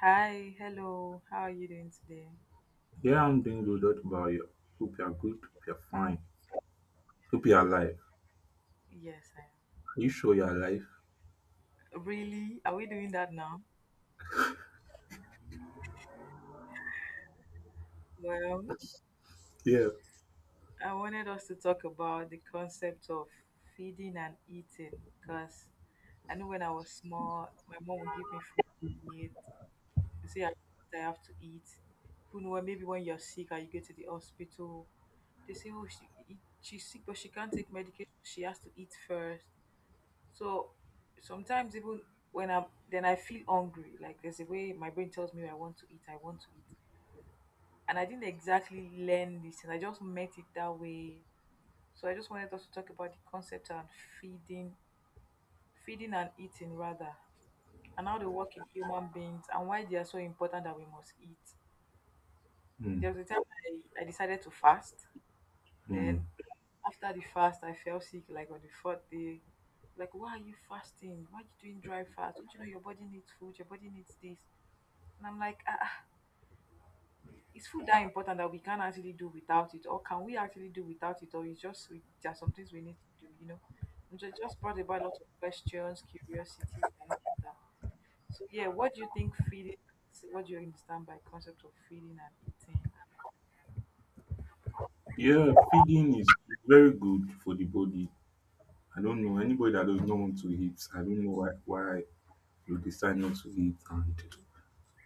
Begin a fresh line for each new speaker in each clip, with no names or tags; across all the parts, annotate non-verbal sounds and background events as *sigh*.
Hi, hello. How are you doing today?
Yeah, I'm doing good. What about you? Hope you're good. Hope you're fine. Hope you're alive.
Yes, I
Are you sure you're alive?
am. Really? Are we doing that now? Well,
Yeah.
I wanted us to talk about the concept of feeding and eating because I know when I was small, my mom would give me food to eat. You see, I have to eat. Who know, maybe when you're sick or you go to the hospital, they say, oh, she's sick, but she can't take medication. She has to eat first. So sometimes even when I'm then I feel hungry. Like there's a way my brain tells me I want to eat, I want to eat. And I didn't exactly learn this and I just met it that way. So I just wanted us to talk about the concept and feeding feeding and eating rather. And how they work in human beings and why they are so important that we must eat.
Mm.
There was a time I decided to fast.
Mm.
Then after the fast, I fell sick like on the fourth day. Like, why are you fasting? Why are you doing dry fast? Don't you know your body needs food? Your body needs this. And I'm like, is food that important that we can't actually do without it? Or can we actually do without it? Or it's just, there are some things we need to do, you know? And it just brought about a lot of questions, curiosity, and all that. So, yeah, what do you understand by concept of feeding and eating?
Yeah, feeding is very good for the body. I don't know anybody that does not want to eat. I don't know why you decide not to eat, and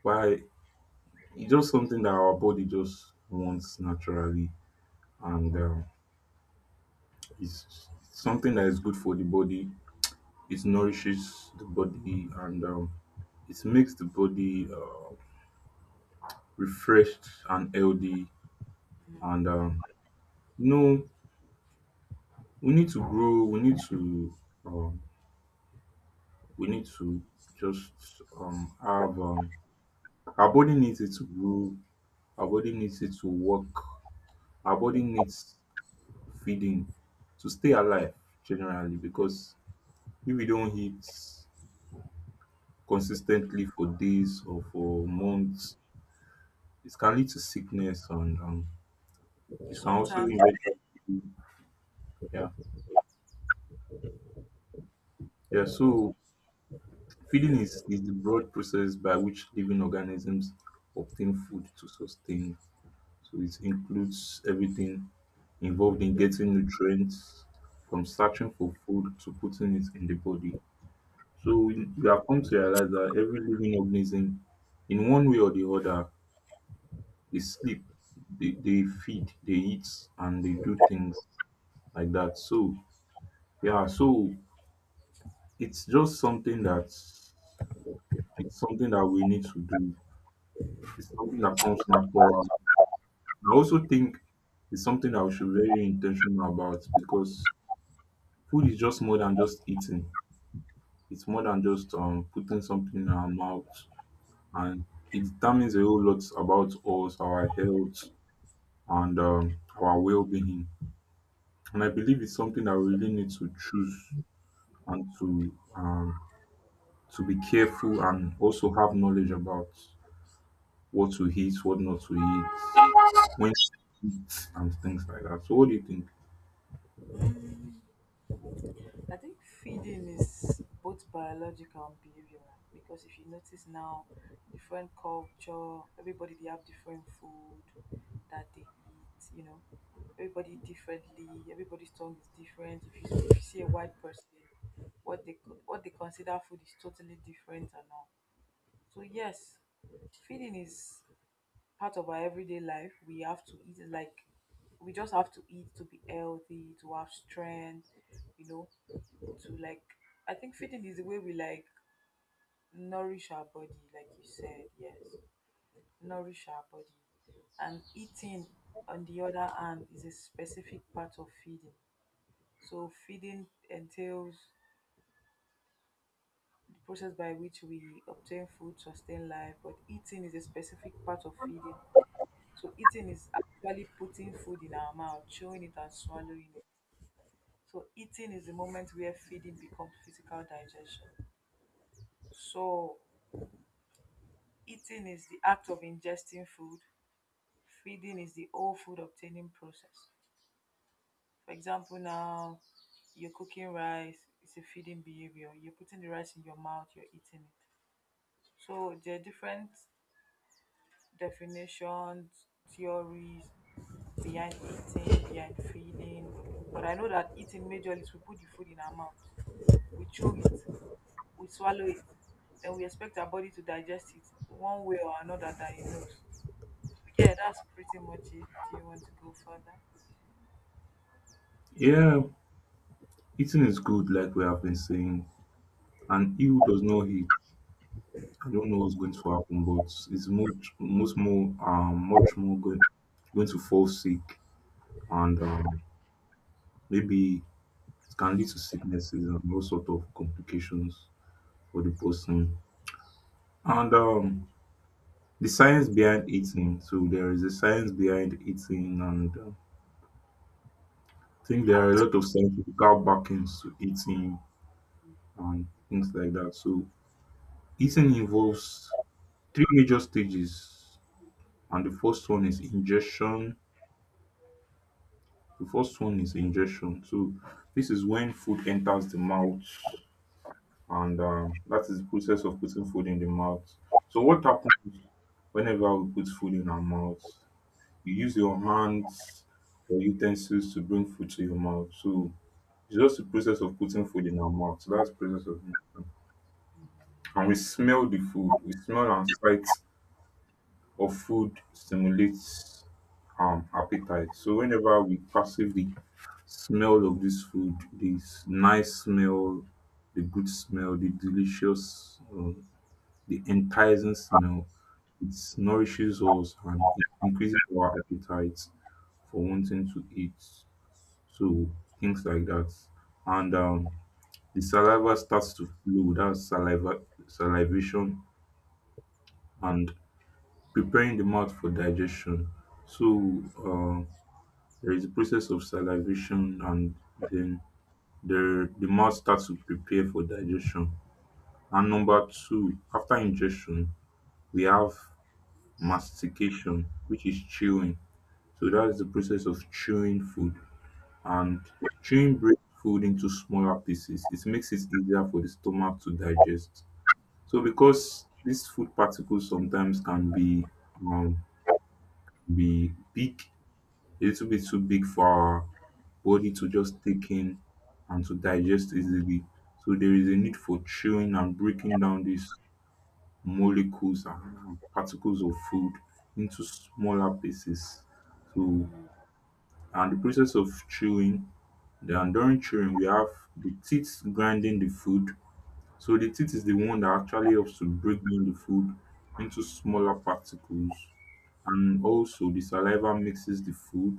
why it's just something that our body just wants naturally, and it's something that is good for the body. It nourishes the body, and it makes the body refreshed and healthy, and you know we need to grow, we need to, um we need to just have, our body needs it to grow, our body needs it to work, our body needs feeding to stay alive, generally, because if we don't eat consistently for days or for months, it can lead to sickness, and it can also
Sometimes
eventually... Yeah, yeah, so feeding is the broad process by which living organisms obtain food to sustain. So it includes everything involved in getting nutrients, from searching for food to putting it in the body. So we have come to realize that every living organism, in one way or the other, they sleep, they feed, they eat, and they do things like that. So yeah, so it's just something that, it's something that we need to do. It's something that comes natural. I also think it's something that we should be very intentional about, because food is just more than just eating. It's more than just putting something in our mouth, and it determines a whole lot about us, our health, and our well-being. And I believe it's something that we really need to choose, and to be careful and also have knowledge about what to eat, what not to eat, when to eat, and things like that. So, what do you think?
I think feeding is both biological and behavioral because if you notice now, different culture, everybody they have different food that they eat, you know, everybody differently, everybody's tongue is different. If you see a white person, what they consider food is totally different and all. So yes, feeding is part of our everyday life. We have to eat like we just have to eat to be healthy, to have strength, you know, to like, I think feeding is the way we like nourish our body, like you said, yes. Nourish our body. And eating on the other hand is a specific part of feeding. So feeding entails the process by which we obtain food, sustain life, but eating is a specific part of feeding. So eating is actually putting food in our mouth, chewing it and swallowing it. So eating is the moment where feeding becomes physical digestion. So eating is the act of ingesting food. Feeding is the whole food obtaining process. For example, now you're cooking rice, it's a feeding behavior. You're putting the rice in your mouth, you're eating it. So there are different definitions, theories behind eating, behind feeding. But I know that eating majorly is we put the food in our mouth, we chew it, we swallow it, then we expect our body to digest it one way or another that it knows. Yeah, that's pretty much it. Do you want to go further?
Yeah, eating is good, like we have been saying, and ill does not hit. I don't know what's going to happen, but it's much, much more, much more going to fall sick, and maybe it can lead to sicknesses and all sort of complications for the person. And the science behind eating, so there is a science behind eating, and I think there are a lot of scientific backings to eating and things like that. So eating involves three major stages, and the first one is ingestion. The first one is ingestion. So this is when food enters the mouth, and that is the process of putting food in the mouth. So what happens whenever we put food in our mouth? You use your hands or utensils to bring food to your mouth. So it's just the process of putting food in our mouth. So that's the process of ingestion. And we smell the food. We smell, and sight of food stimulates appetite. So whenever we passively smell of this food, this nice smell, the good smell, the delicious, the enticing smell, it nourishes us and it increases our appetite for wanting to eat. So things like that, and the saliva starts to flow. That's saliva, salivation, and preparing the mouth for digestion. So. Um, There is a process of salivation, and then the mouth starts to prepare for digestion. And number two, after ingestion, we have mastication, which is chewing. So that is the process of chewing food. And chewing breaks food into smaller pieces. It makes it easier for the stomach to digest. So because these food particles sometimes can be, um, be big, a little bit too big for our body to just take in and to digest easily. So there is a need for chewing and breaking down these molecules, and particles of food into smaller pieces. So, and the process of chewing, then during chewing we have the teeth grinding the food. So the teeth is the one that actually helps to break down the food into smaller particles. And also the saliva mixes the food,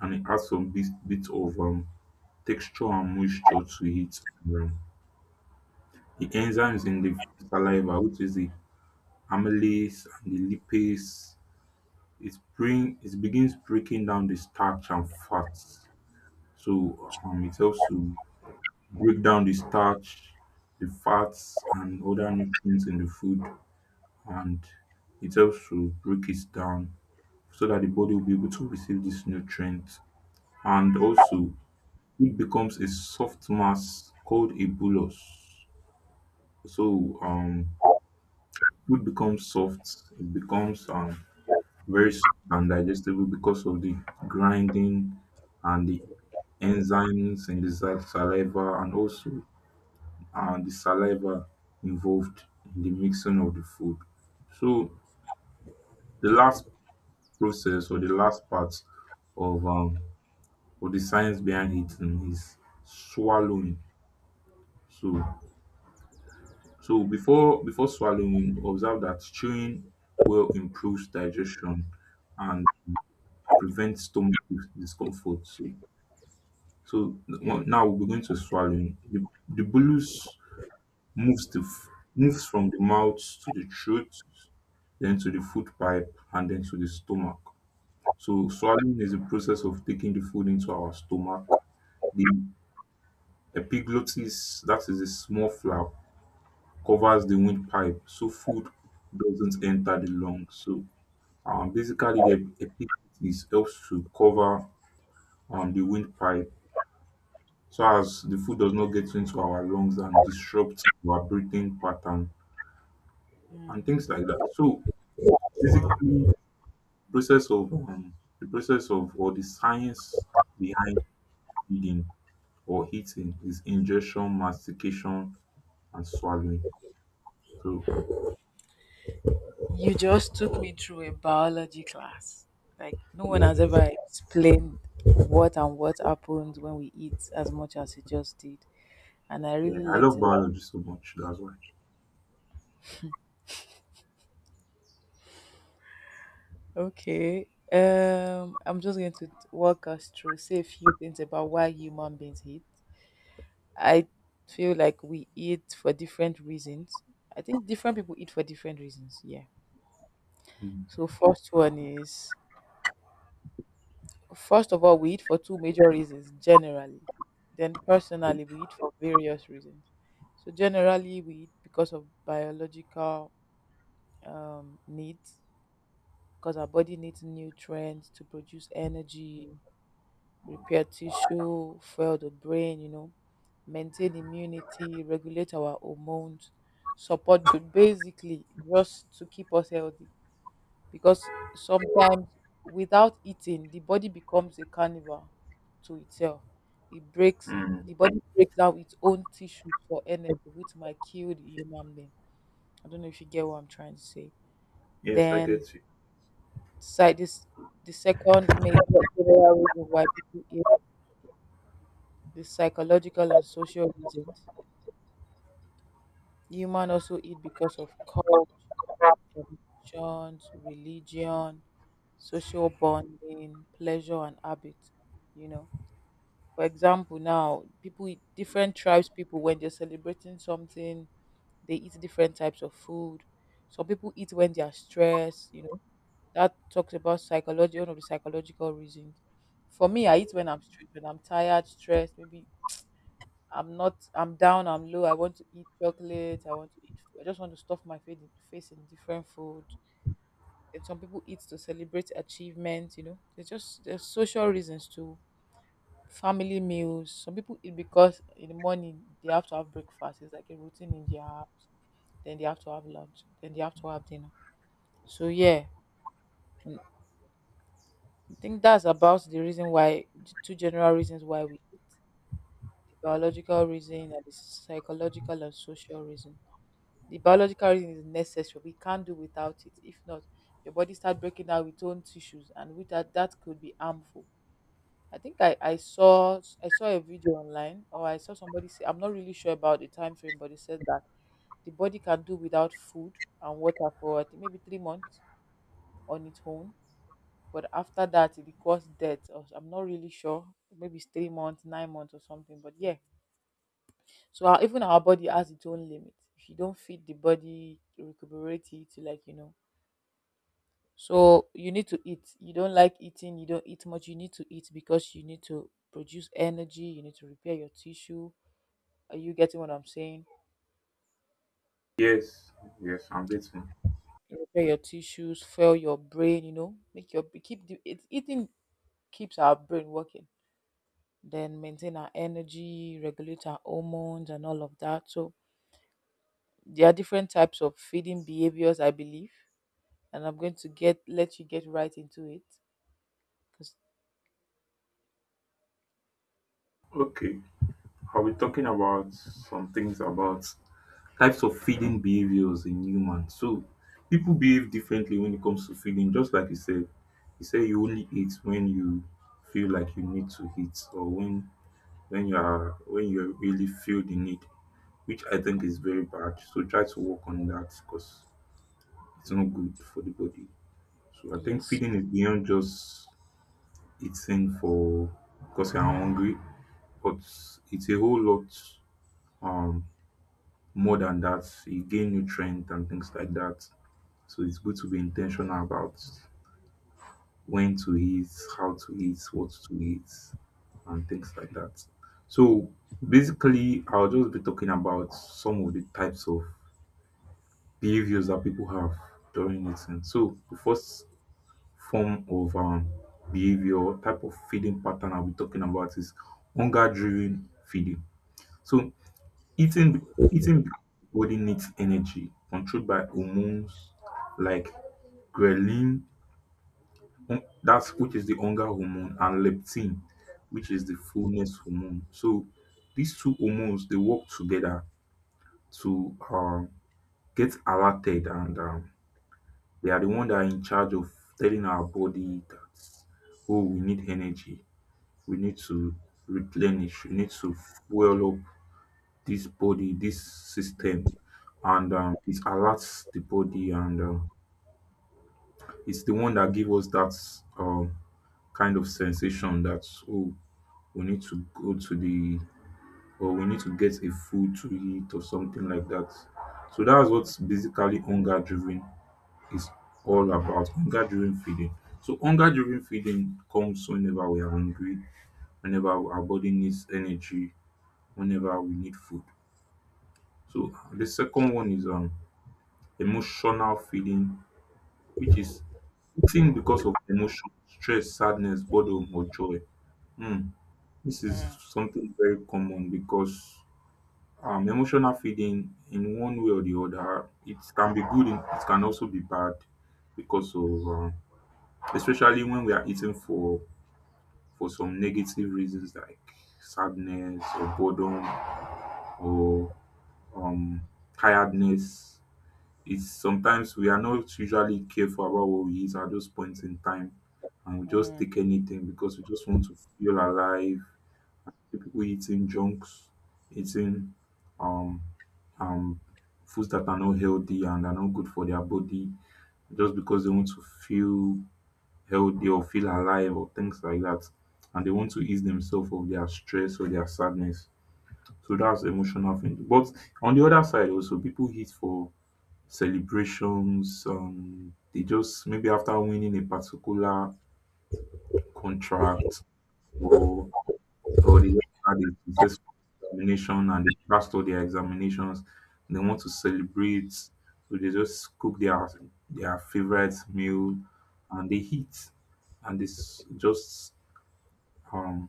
and it adds some bit of texture and moisture to it. Um, the enzymes in the saliva, which is the amylase and the lipase, it begins breaking down the starch and fats. So it helps to break down the starch, the fats, and other nutrients in the food, and it helps to break it down so that the body will be able to receive these nutrients. And also, food becomes a soft mass called a bolus. So food becomes soft. It becomes very soft and digestible because of the grinding and the enzymes in the saliva, and also the saliva involved in the mixing of the food. So the last process, or the last part of um, of the science behind eating, is swallowing. So, so before swallowing, observe that chewing well improves digestion and prevents stomach discomfort. So now we're going to swallowing. The bolus moves the f- moves from the mouth to the throat, then to the food pipe, and then to the stomach. So swallowing is the process of taking the food into our stomach. The epiglottis, that is a small flap, covers the windpipe so food doesn't enter the lungs. So basically, the epiglottis helps to cover the windpipe, so as the food does not get into our lungs and disrupt our breathing pattern and
Mm.
things like that. So basically, process of the process of, or the science behind feeding or eating, is ingestion, mastication, and swallowing. So
You just took me through a biology class. Like, no one
yeah,
has ever explained what and what happens when we eat as much as you just did. And I
yeah,
really
I
learned
love
a lot.
biology so much. That's why.
Okay. I'm just going to walk us through, say a few things about why human beings eat. I feel like we eat for different reasons. I think different people eat for different reasons. Yeah.
Mm.
So first one is First of all, we eat for two major reasons generally. Then, personally, we eat for various reasons. So, generally, we eat because of biological needs, because our body needs nutrients to produce energy, repair tissue, fuel the brain, you know, maintain immunity, regulate our hormones, support good, basically, just to keep us healthy, because sometimes without eating the body becomes a carnival to itself. It breaks The body breaks down its own tissues for energy, which might kill the human being. I don't know if you get what I'm trying to say.
Yes, I
Then,
get you.
side this, the second major general reason why people eat, the psychological and social reasons. Human also eat because of culture, emotions, religion, social bonding, pleasure, and habit. You know, for example, now people, different tribes people, when they're celebrating something, they eat different types of food. Some people eat when they are stressed, you know. That talks about psychology, one of the psychological reasons. For me, I eat when I'm stressed, when I'm tired, stressed, maybe, I'm not I'm down, I'm low, I want to eat chocolate, I just want to stuff my face in, different food. And some people eat to celebrate achievements, you know. There's social reasons too. Family meals. Some people eat because in the morning they have to have breakfast. It's like a routine in their house. Then they have to have lunch. Then they have to have dinner. So yeah, I think that's about the reason why, the two general reasons why we eat. The biological reason and the psychological and social reason. The biological reason is necessary. We can't do without it. If not, your body start breaking down with own tissues, and with that, that could be harmful. I saw, a video online, or I saw somebody say, I'm not really sure about the time frame, but it said that the body can do without food and water for, I think, maybe 3 months on its own. But after that it cause death, or I'm not really sure. Maybe it's 3 months, 9 months or something. But yeah. Even our body has its own limit. If you don't feed the body, to recuperate it to, like, you know. So you need to eat. You don't like eating, you don't eat much, you need to eat because you need to produce energy, you need to repair your tissue. Are you getting what I'm saying?
Yes, yes, I'm getting.
Repair your tissues, fuel your brain, you know, make your keep the it, eating keeps our brain working. Then maintain our energy, regulate our hormones and all of that. So there are different types of feeding behaviors, I believe, and I'm going to get let you get right into it. Cause.
Okay, I'll be talking about some things about types of feeding behaviors in humans. So people behave differently when it comes to feeding, just like you said. You say you only eat when you feel like you need to eat, or when you are, when you really feel the need, which I think is very bad. So try to work on that, because it's not good for the body. So I think
Yes,
feeding is beyond just eating for because you are hungry, but it's a whole lot um, more than that. You gain nutrient and things like that. So it's good to be intentional about when to eat, how to eat, what to eat, and things like that. So basically, I'll just be talking about some of the types of behaviors that people have during eating. So the first form of behavior, type of feeding pattern I'll be talking about, is hunger driven feeding. So eating body needs energy, controlled by hormones like ghrelin, hum- that's which is the hunger hormone, and leptin, which is the fullness hormone. So these two hormones, they work together to get alerted, and they are the one that are in charge of telling our body that, oh, we need energy, we need to replenish, we need to fuel up this body, this system, and it alerts the body, and it's the one that gives us that kind of sensation that, oh, we need to go to the, or we need to get a food to eat or something like that. So that's what's basically hunger driven is all about, hunger driven feeding. So hunger driven feeding comes whenever we are hungry, whenever our body needs energy, whenever we need food. So the second one is emotional feeling, which is eating because of emotion, stress, sadness, boredom, or joy. Hmm. This is
mm,
something very common because emotional feeling, in one way or the other, it can be good, it can also be bad because of, especially when we are eating for some negative reasons like sadness or boredom or um, tiredness. It's sometimes we are not usually careful about what we eat at those points in time, and we just
mm,
take anything because we just want to feel alive. People eating junks, eating um um foods that are not healthy and are not good for their body, just because they want to feel healthy or feel alive or things like that. And they want to ease themselves of their stress or their sadness. So that's emotional thing. But on the other side also, people eat for celebrations. They just, maybe after winning a particular contract, or or they just had a successful examination and they passed all their examinations. They want to celebrate, so they just cook their favorite meal and they eat, and this just um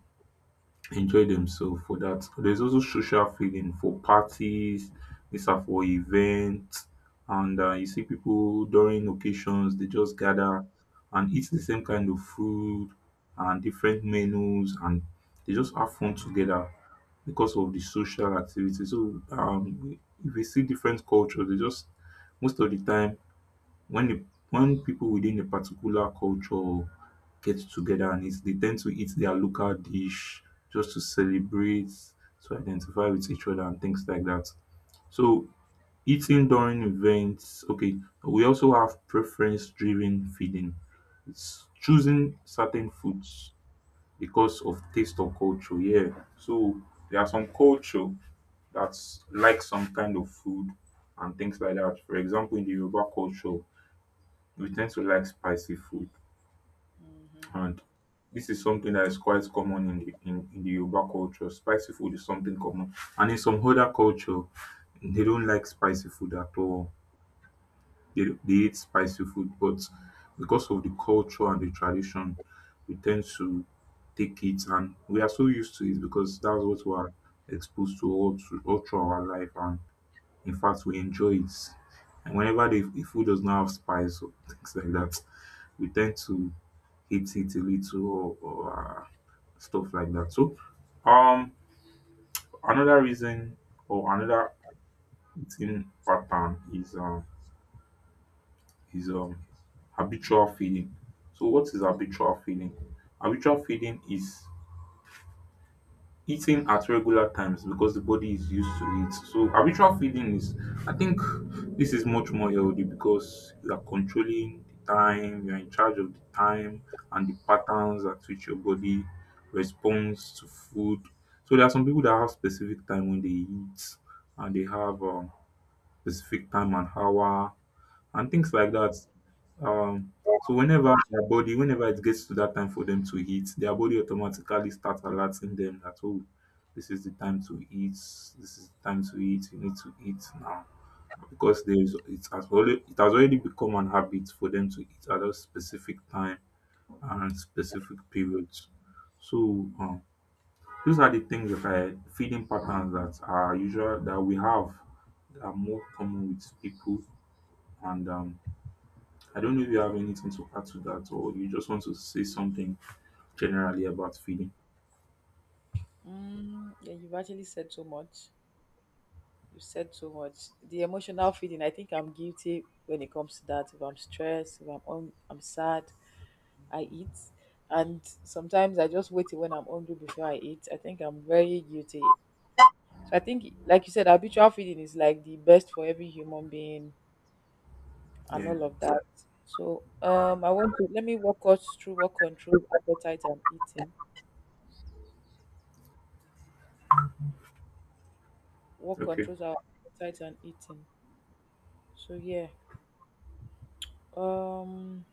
enjoy themselves for that. There's also social feeling for parties, these are for events, and you see people during occasions they just gather and eat the same kind of food and different menus, and they just have fun together because of the social activity. If you see different cultures, they just most of the time when the when people within a particular culture get together and eat, they tend to eat their local dish just to celebrate, to identify with each other and things like that. So eating during events, okay, we also have preference driven feeding. It's choosing certain foods because of taste or culture. Yeah. So there are some culture that's like some kind of food and things like that. For example, in the Yoruba culture, we tend to like spicy food,
hmm,
and this is something that is quite common in the Yoruba culture. Spicy food is something common. And in some other culture, they don't like spicy food at all. They eat spicy food, but because of the culture and the tradition, we tend to take it and we are so used to it because that's what we are exposed to all through our life. And in fact, we enjoy it. And whenever the food does not have spice or *laughs* things like that, we tend to hate it a little, or stuff like that. Um, another reason or another eating pattern is is um habitual feeding. So, what is habitual feeding? Habitual feeding is eating at regular times because the body is used to it. So habitual feeding is, I think, this is much more healthy because you are controlling the time, you are in charge of the time and the patterns at which your body responds to food. So there are some people that have specific time when they eat and they have specific time and hour and things like that. Um, so whenever their body, whenever it gets to that time for them to eat, their body automatically starts alerting them that oh, this is the time to eat. This is the time to eat. You need to eat now because there is it has already become an habit for them to eat at a specific time and specific periods. So um, these are the things that I feeding patterns that are usual that we have that are more common with people and I don't know if you have anything to add to that or you just want to say something generally about feeding.
mm, yeah, you've actually said so much. You said so much. The emotional feeding. I think I'm guilty when it comes to that. If I'm stressed, if I'm un- I'm sad, I eat. And sometimes I just wait till when I'm hungry before I eat. I think I'm very guilty. So I think, like you said, habitual feeding is like the best for every human being and
Yeah.
all of that. So I want to let me walk us through what controls appetite and eating. What
Okay.
controls our appetite and eating. So yeah. Um.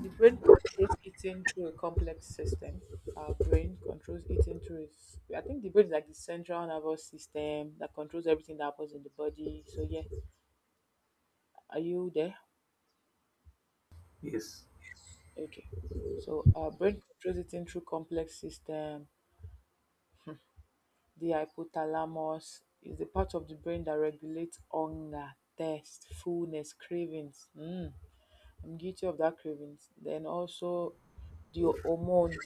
The brain processes eating through a complex system. Our brain controls eating through its. I think the brain is like the central nervous system that controls everything that happens in the body. So yeah, are you there?
Yes.
Okay. So our brain controls eating through complex system. The hypothalamus is the part of the brain that regulates hunger, thirst, fullness, cravings. Mm, I'm guilty of that cravings. Then also the hormones.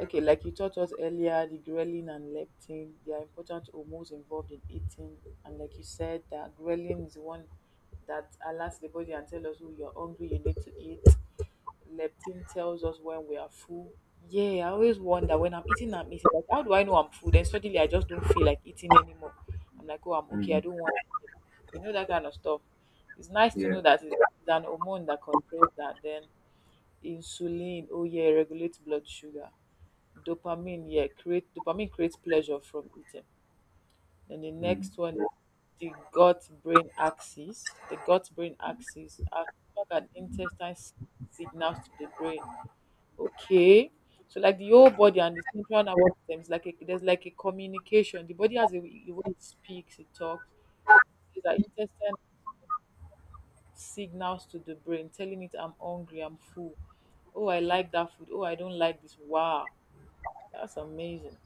Okay, like you taught us earlier, the ghrelin and leptin, they are important hormones involved in eating. And like you said, that ghrelin is the one that alerts the body and tells us, oh, you're hungry, you need to eat. Leptin tells us when we are full. Yeah, I always wonder when I'm eating, I'm eating. Like, how do I know I'm full? Then suddenly I just don't feel like eating anymore. I'm like, oh, I'm okay, I
Mm.
don't want to eat. You know, that kind of stuff. It's nice to
Yeah.
know that it's an hormone that controls that. Then insulin, oh, yeah, regulates blood sugar. Dopamine, yeah, create dopamine creates pleasure from eating. Then the
Mm.
next one is the gut brain axis. Are stomach and intestine, signals to the brain. Okay, so like, the whole body and the central nervous system is like there's like a communication, the body has a way it speaks, it talks. It's the intestine signals to the brain, telling it, I'm hungry, I'm full, oh, I like that food, oh, I don't like this. Wow, that's amazing.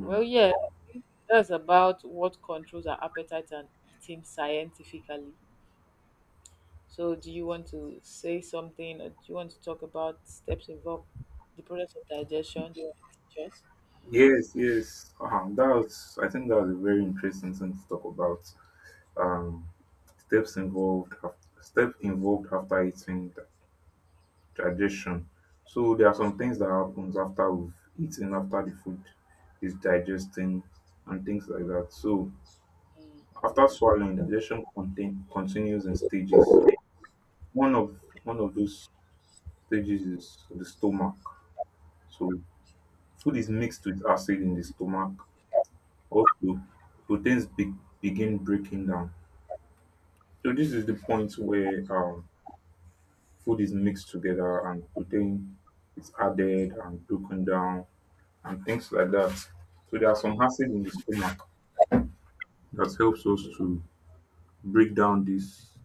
Well, yeah. That's about what controls our appetite and eating scientifically. So, do you want to say something, or do you want to talk about steps involved, the process of digestion? Do you want to teach us
Yes, yes. That was, I think that was a very interesting thing to talk about. Um, steps involved, step involved after eating the digestion. So there are some things that happens after we've eaten, after the food is digesting, and things like that. So after swallowing, continues in stages. One of one of those stages is the stomach. So food is mixed with acid in the stomach. Also, proteins be, begin breaking down. So this is the point where food is mixed together and protein is added and broken down and things like that. So there are some acid in the stomach that helps us to break down this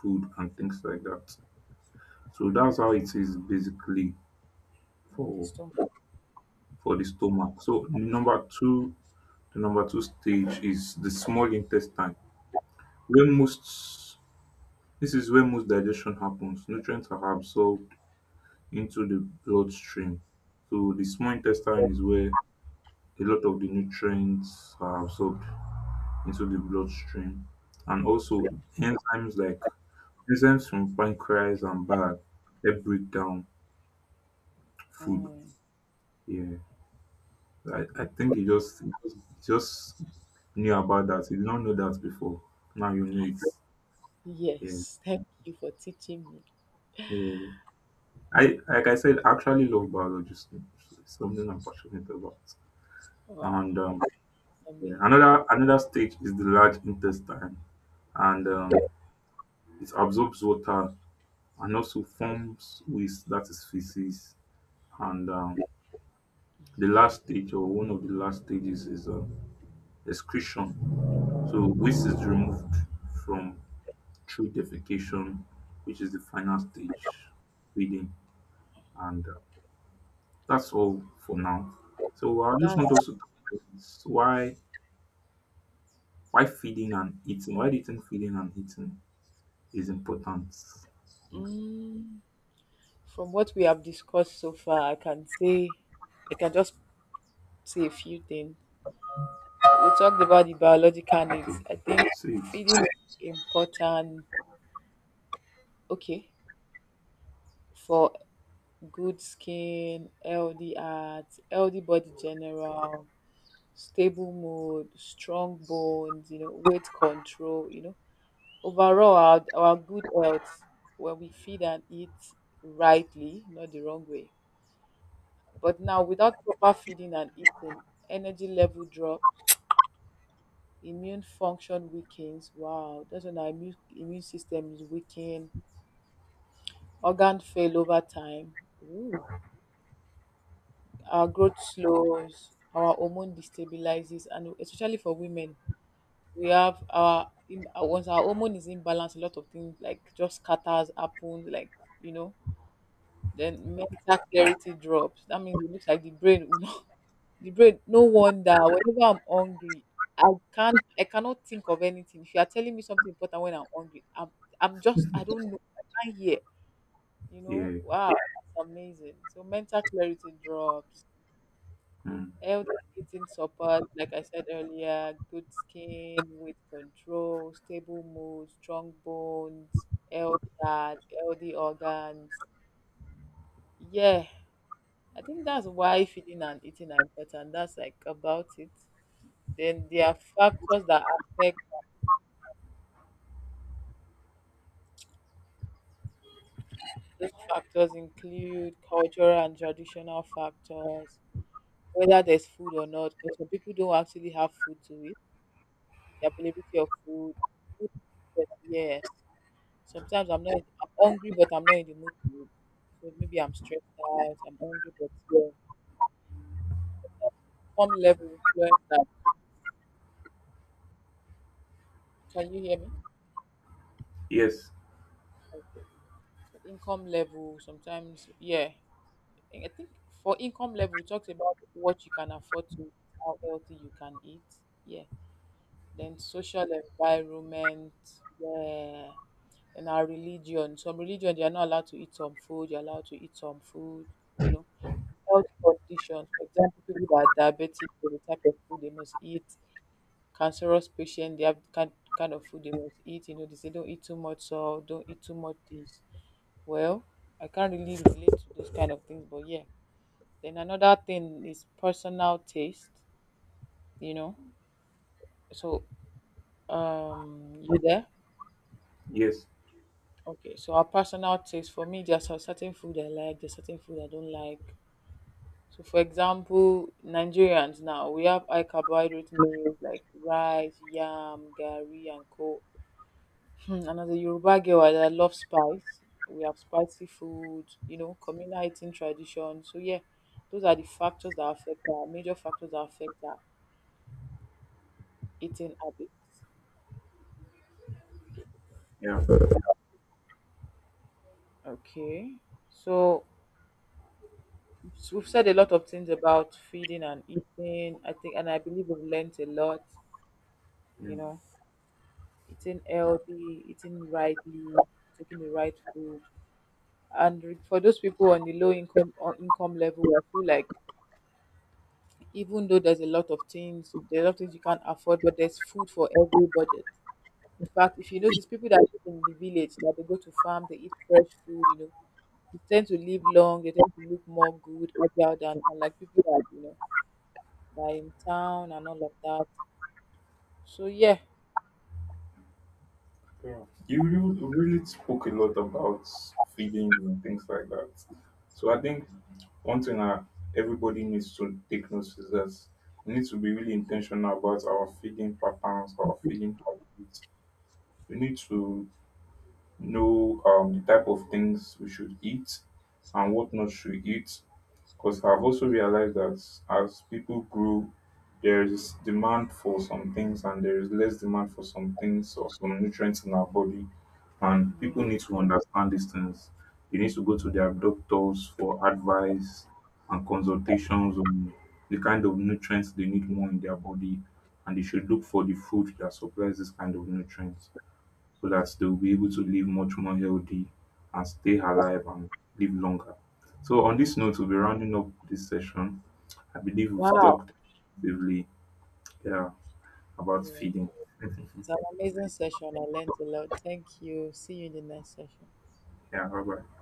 food and things like that. So that's how it is basically
in this
for
topic?
for the stomach. So number two, the number two stage is the small intestine. Where most this is where most digestion happens. Nutrients are absorbed into the bloodstream. So the small intestine is where a lot of the nutrients are absorbed into the bloodstream. And also enzymes like enzymes from pancreas and bile help break down food.
Mm.
Yeah. I think he just knew about that. He did not know that before. Now you know
I,
it. Yes.
yes, thank you for teaching me.
Yeah. I like I said, I actually love biology. It's something I'm passionate about. And
Wow, that's
yeah,
amazing.
another stage is the large intestine, and
Mm.
um, it absorbs water and also forms waste that is feces. And the last stage or one of the last stages is excretion. So waste is removed from through defecation, which is the final stage feeding. And that's all for now. So I just want us
that's
to talk about why why feeding and eating, feeding and eating is important? Yeah.
mm, from what we have discussed so far, I can say, I can just say a few things. We talked about the biological needs.
Okay.
I think
Sweet.
feeding is important, okay, for good skin, healthy heart, healthy body general, stable mood, strong bones, you know, weight control, you know. Overall, our good health, when we feed and eat rightly, not the wrong way. But now, without proper feeding and eating, energy level drop, immune function weakens. Wow, that's when our immune system is weakened, organ fail over time, our growth slows, our hormone destabilizes, and especially for women, we have our in once our hormone is imbalanced, a lot of things like just scatters happens, like you know. Then mental clarity drops. That means it looks like the brain will not- *laughs* the brain. No wonder whenever I'm hungry, I cannot think of anything. If you are telling me something important when I'm hungry, I'm just, I don't know, I can't hear. You know,
Yeah.
wow, that's amazing. So mental clarity drops.
Mm.
Healthy eating supports, like I said earlier, good skin, weight control, stable mood, strong bones, healthy heart, healthy organs. Yeah, I think that's why feeding and eating are important. That's like about it. Then there are factors that affect, those factors include cultural and traditional factors, whether there's food or not, 'cause some people don't actually have food to eat, the availability of food, food, yes, yeah. Sometimes I'm not, I'm hungry, but I'm not in the mood to eat. So maybe I'm stressed out, I'm hungry, but yeah. Income level influence that. Can you hear me?
Yes.
Okay. So income level, sometimes, yeah. I think for income level, it talks about what you can afford to, how healthy you can eat. Yeah. Then social environment, yeah. And our religion. Some religion, they are not allowed to eat some food, you're allowed to eat some food, you know. Health conditions. For example, people that are diabetic, so the type of food they must eat. Cancerous patient, they have kind of food they must eat. You know, they say don't eat too much salt, don't eat too much this. Well, I can't really relate to those kind of things, but yeah. Then another thing is personal taste. You know, so you there?
Yes.
Okay, so our personal taste, for me, there's a certain food I like, there's certain food I don't like. So, for example, Nigerians, now we have high carbohydrate meals like rice, yam, gari, and co. *clears throat* And as a Yoruba girl, I love spice. We have spicy food, you know, communal eating tradition. So yeah, those are the factors that affect our, major factors that affect our eating habits.
Yeah.
Okay, so we've said a lot of things about feeding and eating. I think, and I believe we've learned a lot. You
You,
know, eating healthy, eating rightly, taking the right food. And for those people on the low income, on income level, I feel like, even though there's a lot of things, there's a lot of things you can't afford, but there's food for every budget. In fact, if you notice, people that live in the village, that they go to farm, they eat fresh food, you know, they tend to live long, they tend to look more good, healthier than, unlike people that, you know, that are in town and all of that. So yeah,
you, you really spoke a lot about feeding and things like that. So I think one thing that everybody needs to take note is that we need to be really intentional about our feeding patterns, our feeding habits. We need to know the type of things we should eat and what not should eat. Because I've also realized that as people grow, there is demand for some things and there is less demand for some things or some nutrients in our body. And people
yeah.
need to understand these things. They need to go to their doctors for advice and consultations on the kind of nutrients they need more in their body. And they should look for the food that supplies this kind of nutrients so that they'll be able to live much more healthy and stay alive and live longer. So on this note, we'll be rounding up this session. I believe we've
Wow.
talked extensively yeah, about
Yeah.
feeding.
It's an amazing session. I learned a lot. Thank you. See you in the next session.
Yeah, bye bye.